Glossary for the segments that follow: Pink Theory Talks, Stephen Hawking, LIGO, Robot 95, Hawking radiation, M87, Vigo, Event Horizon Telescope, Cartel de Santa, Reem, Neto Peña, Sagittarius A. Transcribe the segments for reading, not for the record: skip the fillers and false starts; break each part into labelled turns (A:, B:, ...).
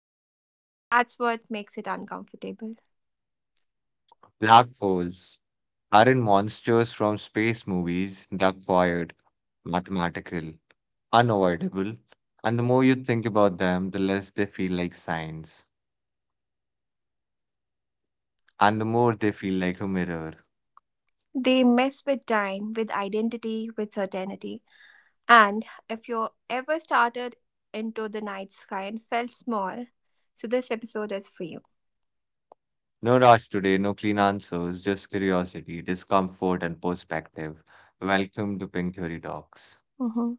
A: waits. And that's what makes it uncomfortable.
B: Black holes aren't monsters from space movies, they're quiet, mathematical, unavoidable. And the more you think about them, the less they feel like signs, and the more they feel like a mirror.
A: They mess with time, with identity, with certainty. And if you ever started into the night sky and felt small, so this episode is for you.
B: No rush today, no clean answers, just curiosity, discomfort, and perspective. Welcome to Pink Theory Talks.
A: Hmm.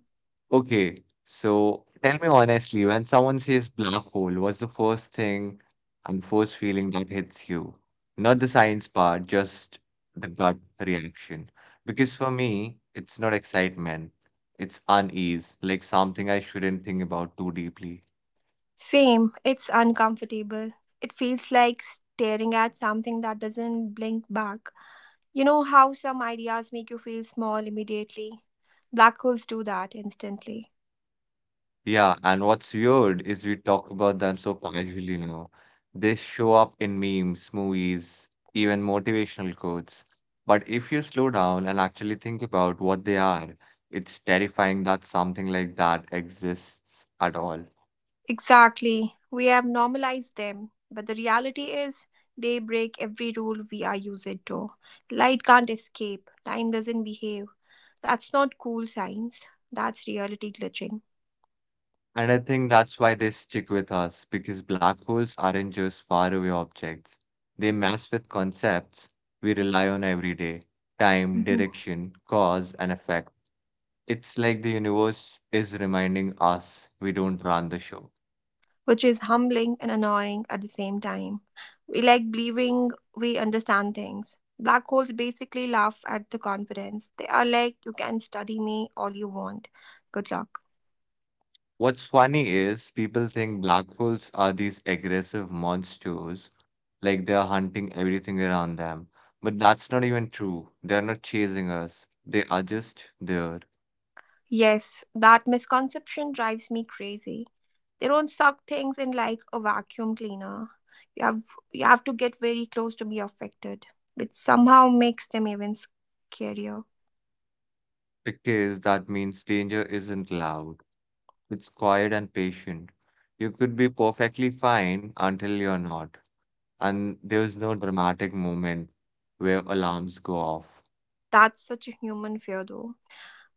B: Okay, so tell me honestly, when someone says black hole, what's the first thing and first feeling that hits you? Not the science part, just the gut reaction. Because for me, it's not excitement, it's unease, like something I shouldn't think about too deeply.
A: Same, it's uncomfortable. It feels like staring at something that doesn't blink back. You know how some ideas make you feel small immediately? Black holes do that instantly.
B: Yeah, and what's weird is we talk about them so casually now. They show up in memes, movies, even motivational quotes. But if you slow down and actually think about what they are, it's terrifying that something like that exists at all.
A: Exactly. We have normalized them, but the reality is they break every rule we are used to. Light can't escape, time doesn't behave. That's not cool science, that's reality glitching.
B: And I think that's why they stick with us, because black holes aren't just faraway objects. They mess with concepts we rely on every day, time,
A: Mhm.
B: direction, cause, and effect. It's like the universe is reminding us we don't run the show.
A: Which is humbling and annoying at the same time. We like believing we understand things. Black holes basically laugh at the confidence. They are like, you can study me all you want. Good luck.
B: What's funny is people think black holes are these aggressive monsters, like they are hunting everything around them. But that's not even true. They're not chasing us, they are just there.
A: Yes, that misconception drives me crazy. They don't suck things in like a vacuum cleaner. You have you have to get very close to be affected, which somehow makes them even scarier.
B: Because that means danger isn't loud, it's quiet and patient. You could be perfectly fine until you're not, and there's no dramatic moment where alarms go off.
A: That's such a human fear though.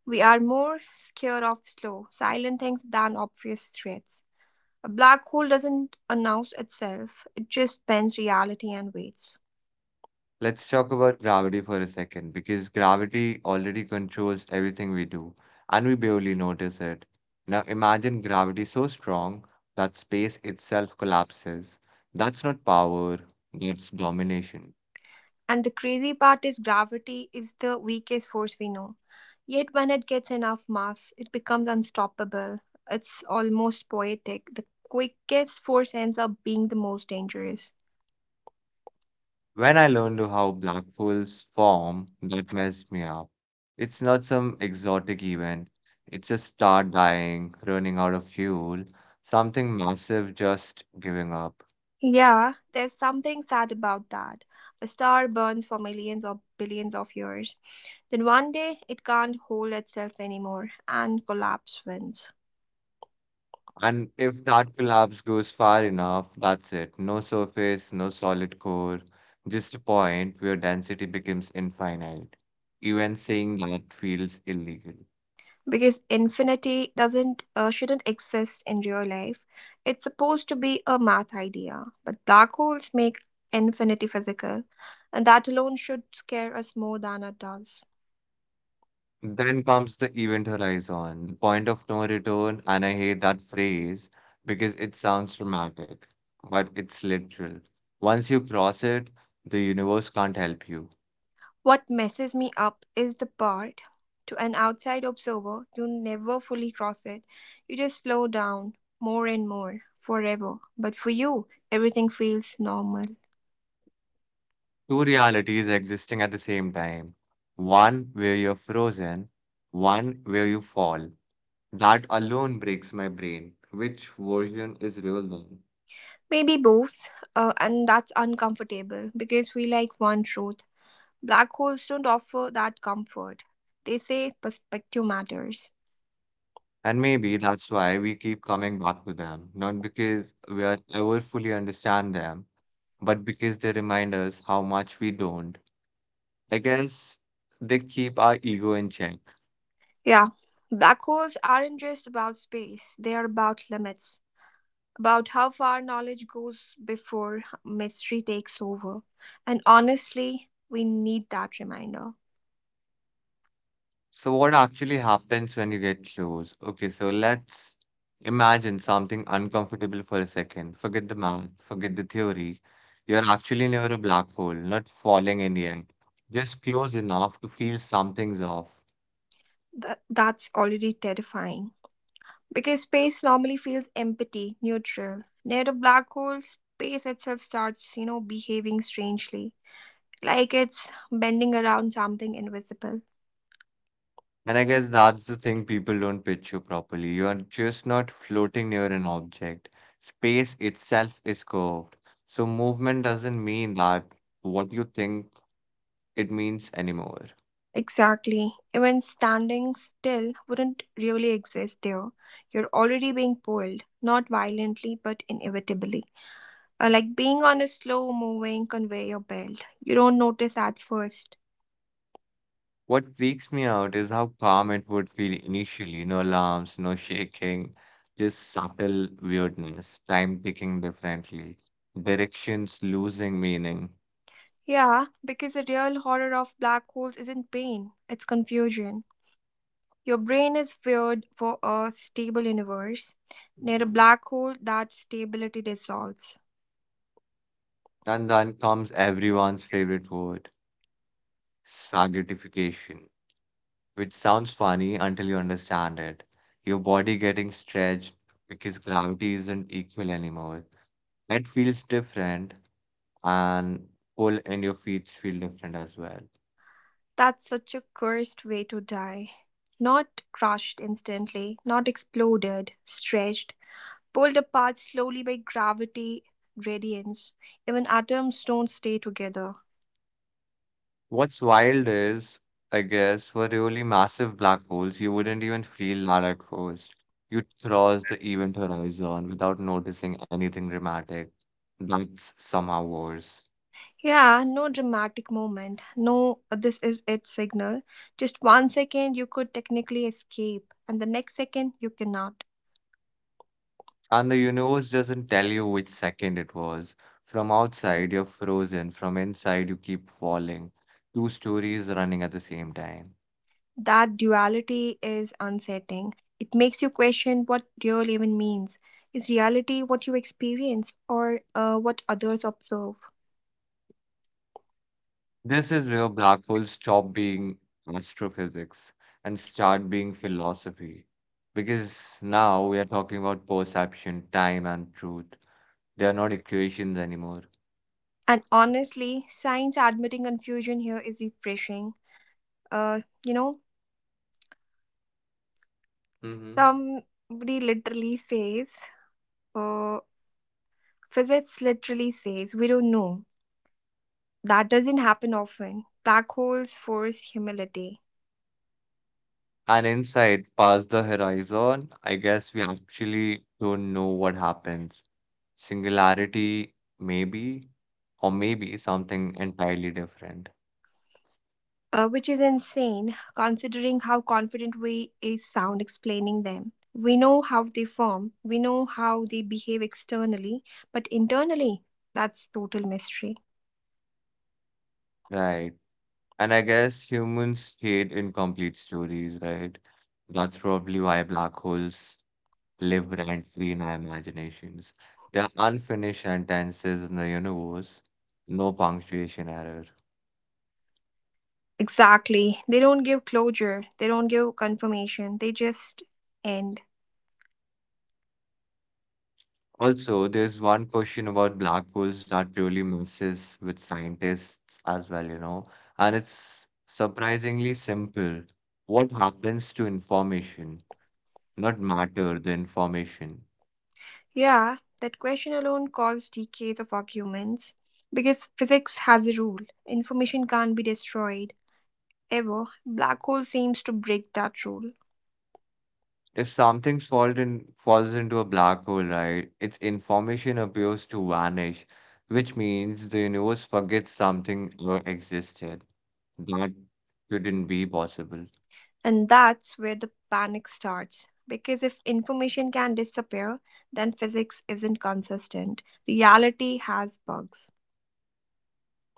A: We are more scared of slow, silent things than obvious threats. A black hole doesn't announce itself, it just bends reality and waits.
B: Let's talk about gravity for a second because gravity already controls everything we do and we barely notice it. Now imagine gravity so strong that space itself collapses. That's not power, that's domination.
A: And the crazy part is gravity is the weakest force we know. Yet, when it gets enough mass, it becomes unstoppable. It's almost poetic. The quickest force ends up being the most dangerous.
B: When I learned how black holes form, that messed me up. It's not some exotic event, it's a star dying, running out of fuel, something massive just giving up.
A: Yeah, there's something sad about that. A star burns for millions or billions of years. Then one day it can't hold itself anymore and collapse wins.
B: And if that collapse goes far enough, that's it. No surface, no solid core, just a point where density becomes infinite. Even saying that feels illegal.
A: Because infinity doesn't shouldn't exist in real life. It's supposed to be a math idea, but black holes make infinity physical, and that alone should scare us more than it does.
B: Then comes the event horizon, the point of no return, and I hate that phrase because it sounds dramatic, but it's literal. Once you cross it, the universe can't help you.
A: What messes me up is the part to an outside observer, you never fully cross it. You just slow down more and more forever. But for you, everything feels normal.
B: Two realities existing at the same time. One where you're frozen, one where you fall. That alone breaks my brain. Which version is real then?
A: Maybe both, and that's uncomfortable because we like one truth. Black holes don't offer that comfort. They say perspective matters.
B: And maybe that's why we keep coming back to them, not because we are ever fully understand them, but because they remind us how much we don't. I guess they keep our ego in check.
A: Yeah, black holes aren't just about space, they are about limits, about how far knowledge goes before mystery takes over. And honestly, we need that reminder.
B: So what actually happens when you get close? Okay, so let's imagine something uncomfortable for a second. Forget the math, forget the theory. You're actually near a black hole, not falling in, the just close enough to feel something's off.
A: That's already terrifying. Because space normally feels empty, neutral. Near a black hole, space itself starts, you know, behaving strangely, like it's bending around something invisible.
B: And I guess that's the thing people don't picture properly. You're just not floating near an object. Space itself is curved. So movement doesn't mean that what you think it means anymore.
A: Exactly. Even standing still wouldn't really exist there. You're already being pulled, not violently, but inevitably. Like being on a slow moving conveyor belt. You don't notice at first.
B: What freaks me out is how calm it would feel initially. No alarms, no shaking, just subtle weirdness, time ticking differently, directions losing meaning.
A: Yeah, because the real horror of black holes isn't pain, it's confusion. Your brain is feared for a stable universe. Near a black hole, that stability dissolves.
B: And then comes everyone's favorite word, spaghettification, which sounds funny until you understand it. Your body getting stretched because gravity isn't equal anymore. It feels different, and pull and your feet feel different as well.
A: That's such a cursed way to die. Not crushed instantly, not exploded, stretched, pulled apart slowly by gravity, gradients. Even atoms don't stay together.
B: What's wild is, I guess, for really massive black holes, you wouldn't even feel that at first. You'd cross the event horizon without noticing anything dramatic. That's somehow worse.
A: Yeah, no dramatic moment. No, this is it signal. Just 1 second you could technically escape, and the next second you cannot.
B: And the universe doesn't tell you which second it was. From outside, you're frozen. From inside, you keep falling. Two stories running at the same time.
A: That duality is unsettling. It makes you question what real even means. Is reality what you experience or what others observe?
B: This is where black holes stop being astrophysics and start being philosophy. Because now we are talking about perception, time, and truth. They are not equations anymore.
A: And honestly, science admitting confusion here is refreshing. Uh, you know,
B: Hmm.
A: somebody literally says, uh, Physics literally says, we don't know. That doesn't happen often. Black holes force humility.
B: And inside, past the horizon, I guess we actually don't know what happens. Singularity, maybe, or maybe something entirely different.
A: Which is insane considering how confident we is sound explaining them. We know how they form, we know how they behave externally, but internally, that's total mystery.
B: Right. And I guess humans hate incomplete stories, right? That's probably why black holes live rent-free in our imaginations. They are unfinished sentences in the universe, no punctuation error.
A: Exactly. They don't give closure, they don't give confirmation, they just end.
B: Also, there's one question about black holes that really messes with scientists as well, and it's surprisingly simple. What happens to information? Not matter, the information.
A: Yeah, that question alone caused decades of arguments because physics has a rule information can't be destroyed ever. Black hole seems to break that rule.
B: If something falls into a black hole, right, its information appears to vanish, which means the universe forgets something ever existed. That couldn't be possible.
A: And that's where the panic starts. Because if information can disappear, then physics isn't consistent. Reality has bugs.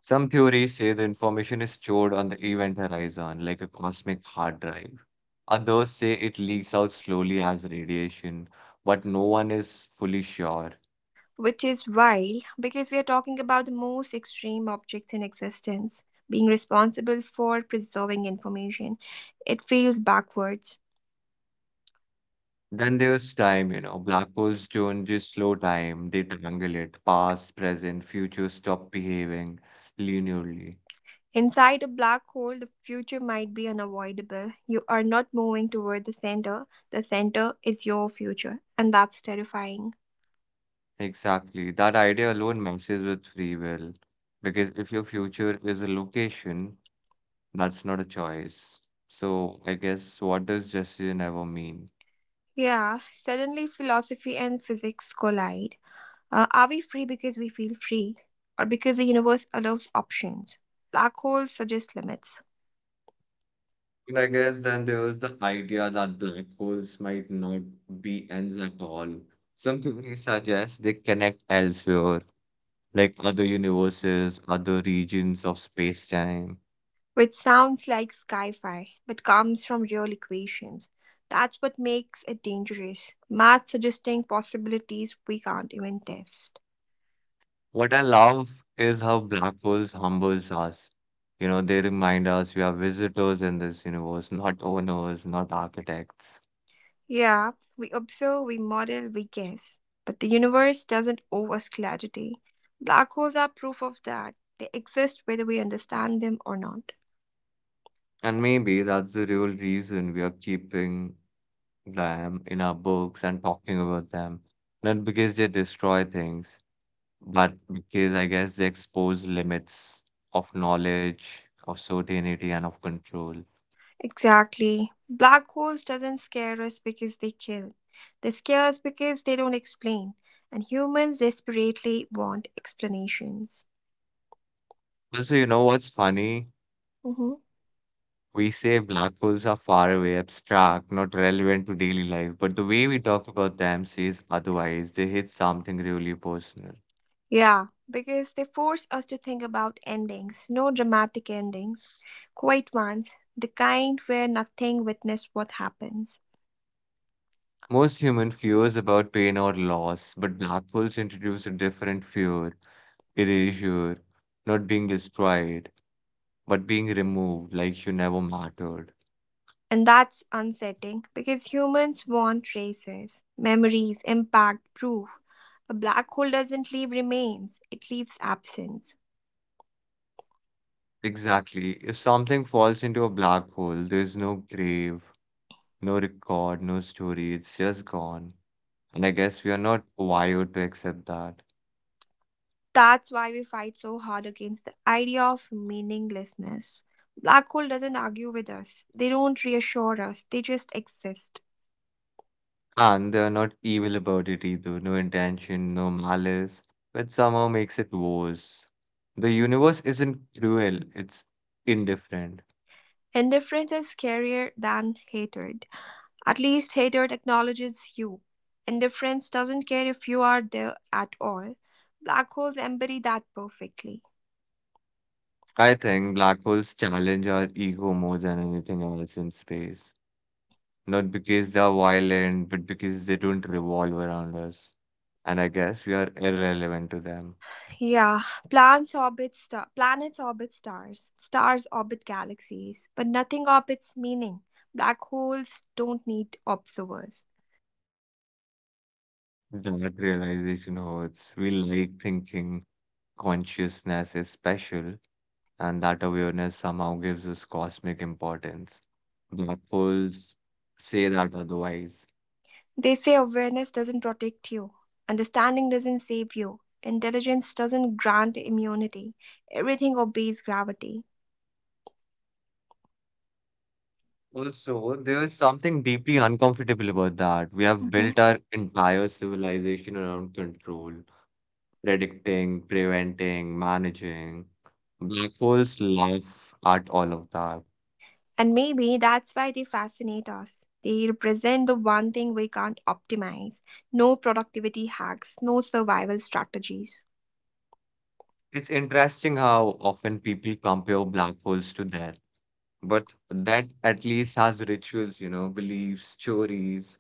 B: Some theories say the information is stored on the event horizon, like a cosmic hard drive. Others say it leaks out slowly as radiation, but no one is fully sure.
A: Which is wild because we are talking about the most extreme objects in existence being responsible for preserving information. It feels backwards.
B: Then there's time. Black holes don't just slow time, they tangle it. Past, present, future stop behaving linearly.
A: Inside a black hole, the future might be unavoidable. You are not moving toward the center is your future, and that's terrifying.
B: Exactly. That idea alone messes with free will. Because if your future is a location, that's not a choice. So I guess what does decision ever mean?
A: Yeah, suddenly philosophy and physics collide. Are we free because we feel free, or because the universe allows options? Black holes suggest limits,
B: And I guess then there's the idea that black holes might not be ends at all. Some theories suggest they connect elsewhere like other universes, other regions of space-time.
A: which sounds like sci fi, but comes from real equations. That's what makes it dangerous. Math suggesting possibilities we can't even test.
B: What I love is how black holes humbles us. They remind us we are visitors in this universe, not owners, not architects.
A: Yeah, we observe, we model, we guess, but the universe doesn't owe us clarity. Black holes are proof of that. They exist whether we understand them or not.
B: And maybe that's the real reason we are keeping them in our books and talking about them. Not because they destroy things, but because I guess they expose limits of knowledge, of certainty, and of control.
A: Exactly. Black holes doesn't scare us because they kill. They scare us because they don't explain. And humans desperately want explanations.
B: Also, you know what's funny?
A: Hmm.
B: We say black holes are far away, abstract, not relevant to daily life, but the way we talk about them says otherwise. They hit something really personal.
A: Yeah, because they force us to think about endings, no dramatic endings, quiet ones, the kind where nothing witnessed what happens.
B: Most human fears about pain or loss, but black holes introduce a different fear, erasure, not being destroyed, but being removed like you never mattered.
A: And that's unsettling because humans want traces, memories, impact, proof. A black hole doesn't leave remains, it leaves absence.
B: Exactly. If something falls into a black hole, there's no grave, no record, no story, it's just gone. And I guess we are not wired to accept that.
A: That's why we fight so hard against the idea of meaninglessness. Black hole doesn't argue with us. They don't reassure us. They just exist.
B: And they are not evil about it either. No intention, no malice, but somehow makes it worse. The universe isn't cruel, it's indifferent.
A: Indifference is scarier than hatred. At least hatred acknowledges you. Indifference doesn't care if you are there at all. Black holes embody that perfectly.
B: I think black holes challenge our ego more than anything else in space. Not because they are violent, but because they don't revolve around us. And I guess we are irrelevant to them.
A: Yeah, plants orbit star planets orbit stars, stars orbit galaxies, but nothing orbits meaning. Black holes don't need observers.
B: That realization hurts. We like thinking consciousness is special, and that awareness somehow gives us cosmic importance. Black holes say that otherwise.
A: They say awareness doesn't protect you, understanding doesn't save you, intelligence doesn't grant immunity. Everything obeys gravity.
B: Also, there is something deeply uncomfortable about that. We have built our entire civilization around control, predicting, preventing, managing. Black holes laugh at all of that.
A: And maybe that's why they fascinate us. They represent the one thing we can't optimize no productivity hacks, no survival strategies.
B: It's interesting how often people compare black holes to death, but that at least has rituals, beliefs, stories.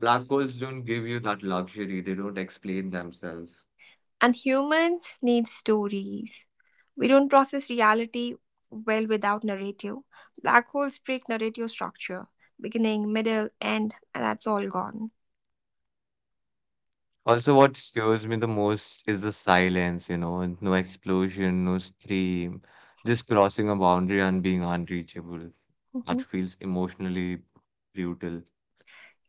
B: Black holes don't give you that luxury. They don't explain themselves.
A: And humans need stories. We don't process reality well without narrative. Black holes break narrative structure beginning, middle, end, and that's all gone.
B: Also, what scares me the most is the silence, and no explosion, no scream, just crossing a boundary and being unreachable. That
A: Mhm.
B: feels emotionally brutal.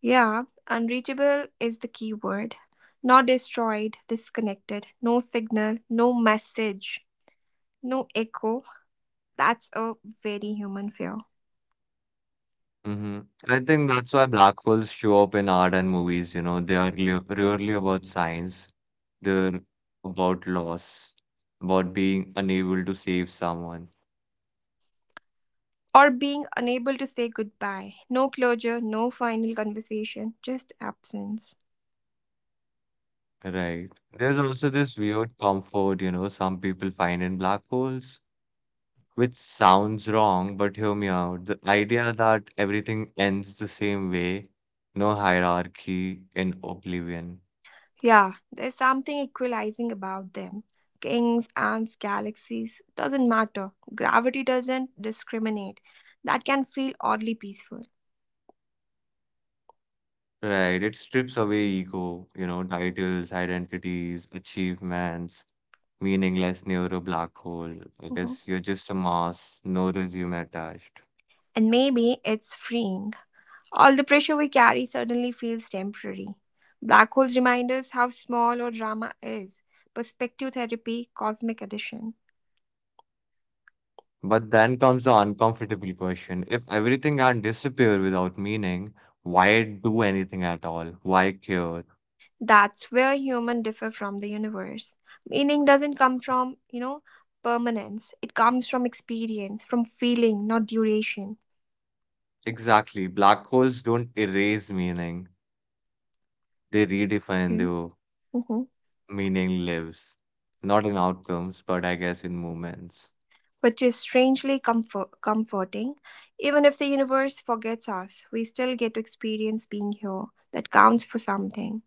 A: Yeah, unreachable is the key word. Not destroyed, disconnected, no signal, no message, no echo. That's a very human fear.
B: Hmm. I think that's why black holes show up in art and movies, they are rarely about science, they're about loss, about being unable to save someone.
A: Or being unable to say goodbye. No closure, no final conversation, just absence.
B: Right. There's also this weird comfort, some people find in black holes, which sounds wrong, but hear me out. The idea that everything ends the same way, no hierarchy in oblivion.
A: Yeah, there's something equalizing about them. Kings, ants, galaxies, doesn't matter. Gravity doesn't discriminate. That can feel oddly peaceful.
B: Right. It strips away ego, titles, identities, achievements, meaningless near a black hole. I
A: Mhm.
B: guess you're just a mass, no resume attached.
A: And maybe it's freeing. All the pressure we carry suddenly feels temporary. Black holes remind us how small our drama is. Perspective therapy, cosmic edition.
B: But then comes the uncomfortable question. If everything had disappeared without meaning, why do anything at all? Why care?
A: That's where humans differ from the universe. Meaning doesn't come from, you know, permanence. It comes from experience, from feeling, not duration.
B: Exactly. Black holes don't erase meaning. They redefine the
A: Mm-hmm.
B: meaning lives. Not in outcomes, but I guess in moments.
A: Which is strangely comforting. Even if the universe forgets us, we still get to experience being here. That counts for something.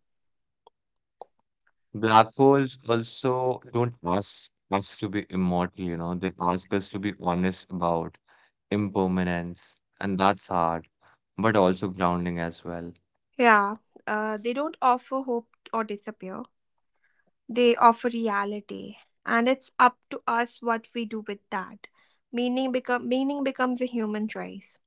B: Black holes also don't ask us to be immortal. They ask us to be honest about impermanence. And that's hard, but also grounding as well.
A: Yeah, they don't offer hope or disappear. They offer reality, and it's up to us what we do with that. Meaning becomes a human choice,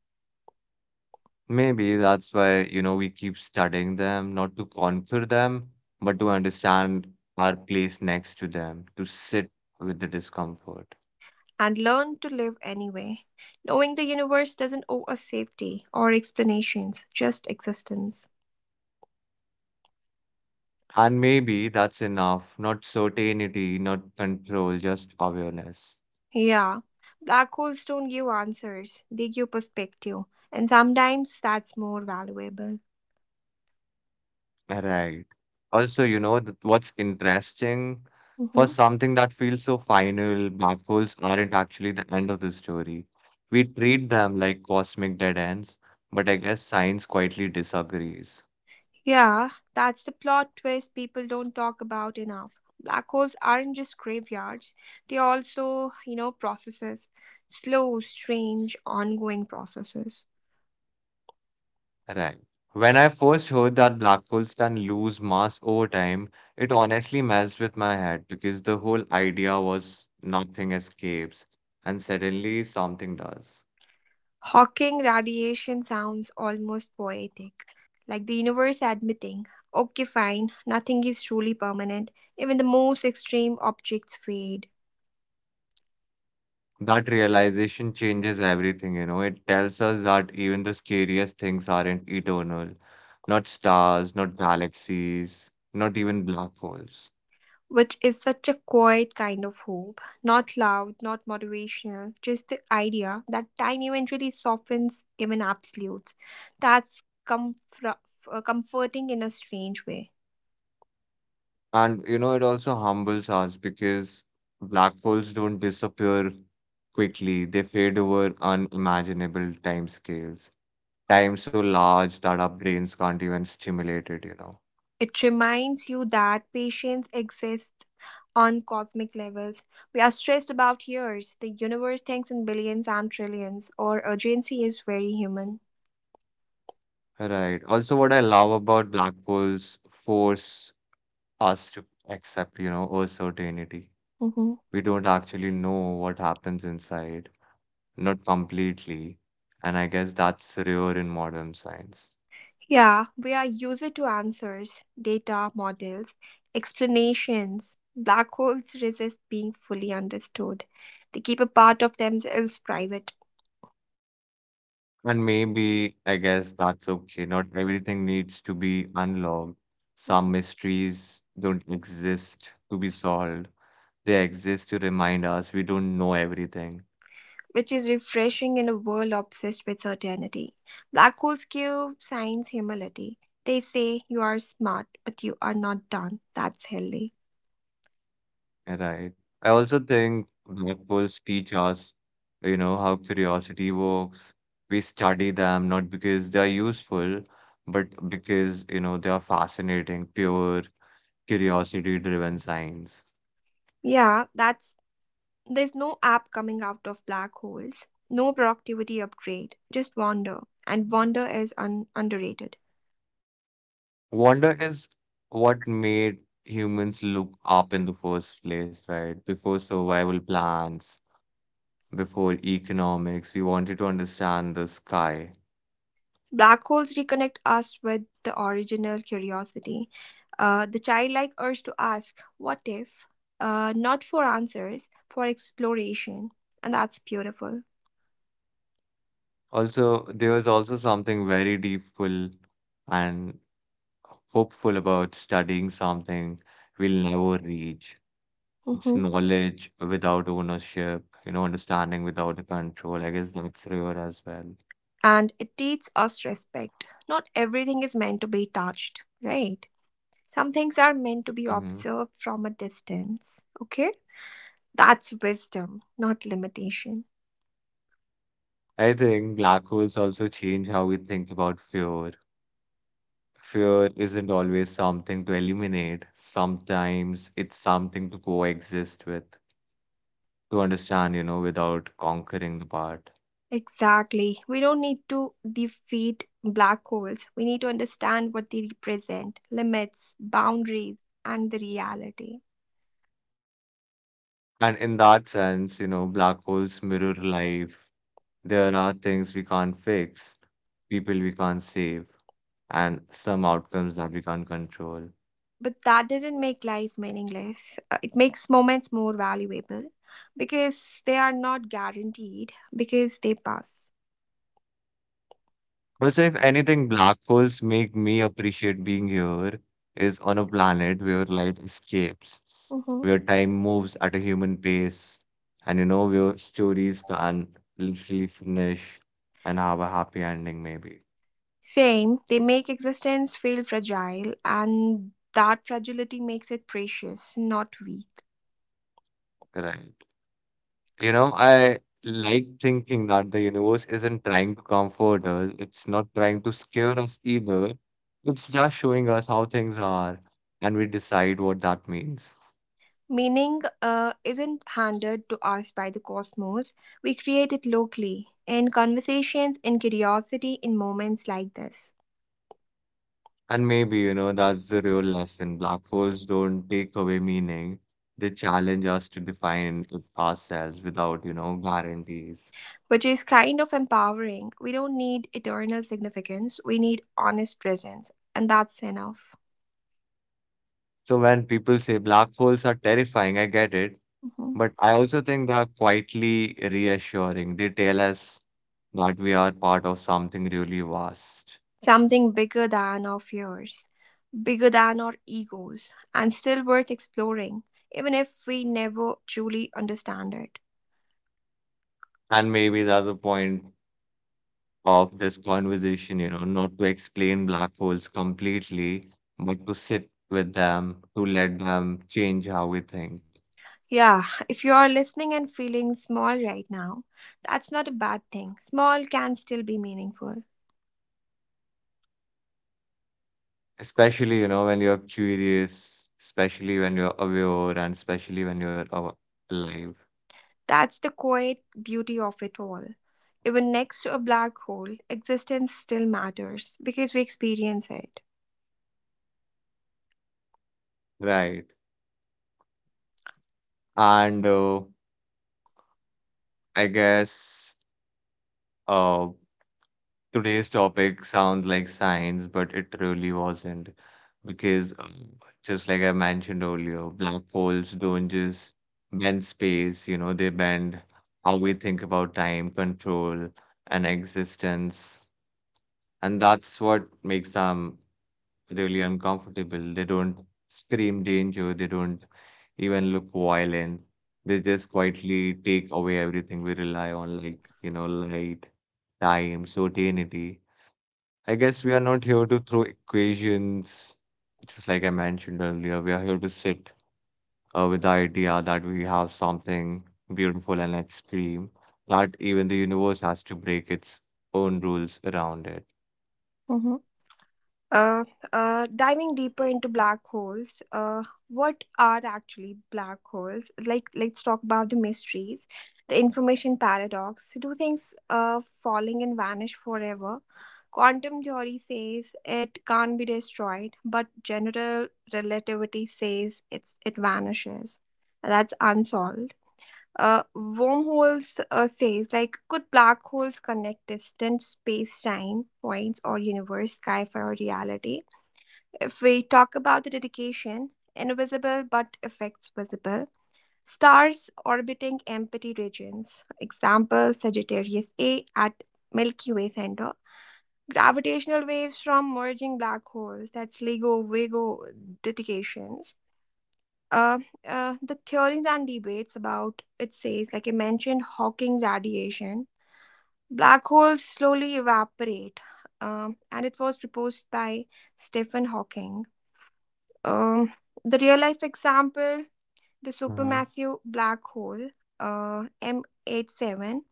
B: Maybe that's why, we keep studying them, not to conquer them, but to understand our place next to them, to sit with the discomfort.
A: and learn to live anyway, knowing the universe doesn't owe us safety or explanations, just existence.
B: And maybe that's enough, not certainty, not control, just awareness.
A: Yeah, black holes don't give answers; they give perspective, and sometimes that's more valuable.
B: Right. Also, what's interesting for
A: Mm-hmm.
B: something that feels so final, black holes aren't actually the end of the story. We treat them like cosmic dead ends, but I guess science quietly disagrees.
A: Yeah, that's the plot twist people don't talk about enough. Black holes aren't just graveyards, they're also, you know, processes. Slow, strange, ongoing processes.
B: Right. When I first heard that black holes can lose mass over time, it honestly messed with my head because the whole idea was nothing escapes and suddenly something does.
A: Hawking radiation sounds almost poetic, like the universe admitting, okay, fine, nothing is truly permanent, even the most extreme objects fade.
B: That realization changes everything. It tells us that even the scariest things aren't eternal. Not stars, not galaxies, not even black holes.
A: Which is such a quiet kind of hope. Not loud, not motivational, just the idea that time eventually softens even absolutes. That's comfort, comforting in a strange way.
B: And it also humbles us because black holes don't disappear quickly. They fade over unimaginable time scales. Time so large that our brains can't even stimulate it.
A: It reminds you that patience exists on cosmic levels. We are stressed about years. The universe thinks in billions and trillions, or urgency is very human.
B: Right. Also, what I love about black holes force us to accept, uncertainty.
A: Mhm.
B: We don't actually know what happens inside, not completely. And I guess that's rare in modern science.
A: Yeah, we are used to answers, data, models, explanations. Black holes resist being fully understood. They keep a part of themselves private,
B: And maybe, I guess that's okay. Not everything needs to be unlocked. Some mysteries don't exist to be solved. They exist to remind us we don't know everything,
A: which is refreshing in a world obsessed with certainty. Black holes give science humility. They say you are smart, but you are not done. That's healthy.
B: right? I also think that will teach us, how curiosity works. We study them not because they are useful, but because, they are fascinating, pure curiosity-driven science.
A: Yeah, that's there's no app coming out of black holes, no productivity upgrade, just wonder. And wonder is underrated.
B: Wonder is what made humans look up in the first place, right? Before survival plans, before economics, we wanted to understand the sky.
A: Black holes reconnect us with the original curiosity, the childlike urge to ask, what if? Not for answers, for exploration. And that's beautiful.
B: Also, there was also something very deepful and hopeful about studying something we'll never reach. It's
A: Hmm.
B: knowledge without ownership, understanding without the control. I guess that's rare as well.
A: And it teaches us respect. Not everything is meant to be touched, right? Some things are meant to be
B: hmm
A: observed from a distance, okay? That's wisdom, not limitation.
B: I think black holes also change how we think about fear. Fear isn't always something to eliminate. Sometimes it's something to coexist with, to understand, without conquering the part.
A: Exactly. We don't need to defeat black holes. We need to understand what they represent, limits, boundaries, and the reality.
B: And in that sense, black holes mirror life. There are things we can't fix, people we can't save, and some outcomes that we can't control.
A: But that doesn't make life meaningless. It makes moments more valuable because they are not guaranteed, because they pass.
B: Also, if anything, black holes make me appreciate being here is on a planet where light escapes,
A: Mhm.
B: where time moves at a human pace, and where stories can literally finish and have a happy ending, maybe.
A: Same, they make existence feel fragile, and that fragility makes it precious, not weak.
B: Right. I like thinking that the universe isn't trying to comfort us, it's not trying to scare us either. It's just showing us how things are, and we decide what that means.
A: Meaning isn't handed to us by the cosmos. We create it locally, in conversations, in curiosity, in moments like this,
B: And maybe, that's the real lesson. Black holes don't take away meaning. They challenge us to define it ourselves without, guarantees.
A: which is kind of empowering. We don't need eternal significance, we need honest presence, and that's enough.
B: So when people say black holes are terrifying, I get it.
A: Mhm.
B: But I also think they are quietly reassuring. They tell us that we are part of something really vast.
A: Something bigger than our fears, bigger than our egos, and still worth exploring, even if we never truly understand it.
B: And maybe that's a point of this conversation, not to explain black holes completely, but to sit with them, to let them change how we think.
A: Yeah, if you are listening and feeling small right now, that's not a bad thing. Small can still be meaningful.
B: Especially, when you're curious, especially when you're aware, and especially when alive.
A: That's the quiet beauty of it all. Even next to a black hole, existence still matters because we experience it.
B: Right. And I guess uh, today's topic sounds like science, but it really wasn't. Because, just like I mentioned earlier, black holes don't just bend space, they bend how we think about time, control, and existence. And that's what makes them really uncomfortable. They don't scream danger, they don't even look violent. They just quietly take away everything we rely on, like, light, time, certainty. I guess we are not here to throw equations, just like I mentioned earlier. We are here to sit with the idea that we have something beautiful and extreme, that even the universe has to break its own rules around it.
A: Uh, Diving deeper into black holes, what are actually black holes? Like, let's talk about the mysteries, the information paradox. Do things falling and vanish forever? Quantum theory says it can't be destroyed, but general relativity says it vanishes. That's unsolved. Wormholes says like could black holes connect distant space-time points or universe, sci-fi, or reality? If we talk about the dedication, invisible but effects visible, stars orbiting empty regions, example Sagittarius A at Milky Way center, gravitational waves from merging black holes, that's LIGO, Vigo dedications. Uh, the theories and debates about it says, like I mentioned, Hawking radiation. Black holes slowly evaporate, and it was proposed by Stephen Hawking. Um, the real life example, the supermassive black hole, M87,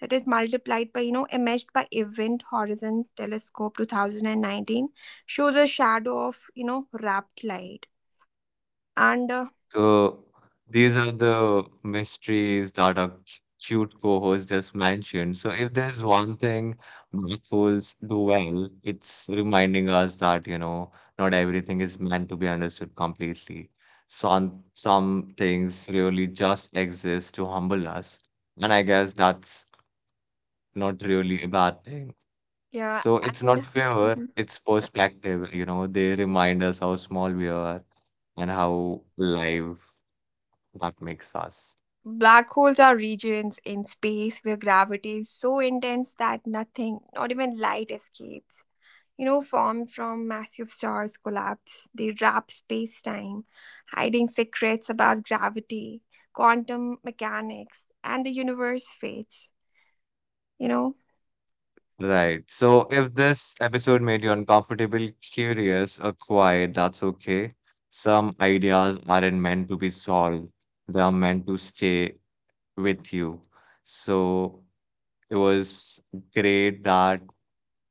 A: that is multiplied by, you know, imaged by Event Horizon Telescope 2019, shows a shadow of, you know, wrapped light. And, uh,
B: So these are the mysteries that our cute co-host just mentioned. So if there's one thing mindfuls do well, it's reminding us that, not everything is meant to be understood completely. Some things really just exist to humble us. And I guess that's not really a bad thing.
A: yeah,
B: So it's not
A: and
B: fear,
A: Mhm.
B: it's
A: Yeah.
B: perspective, they remind us how small we are and how alive that makes us.
A: Black holes are regions in space where gravity is so intense that nothing, not even light, escapes. Formed from massive stars collapse. They wrap space time, hiding secrets about gravity, quantum mechanics, and the universe fates, you know.
B: Right. So if this episode made you uncomfortable, curious, or quiet, that's okay. Some ideas aren't meant to be solved, they are meant to stay with you. So it was great that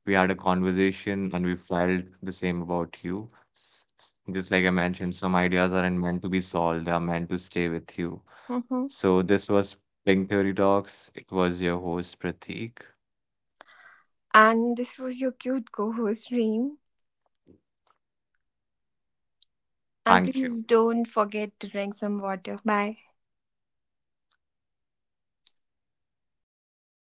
B: we had a conversation and we felt the same about you. Just like I mentioned, some ideas aren't meant to be solved, they are meant to stay with you.
A: Hmm.
B: So this was Pink Theory Talks. It was your host, Prateek.
A: And this was your cute co host, Reem. And
B: Thank
A: please
B: you.
A: don't forget to drink some water. Bye.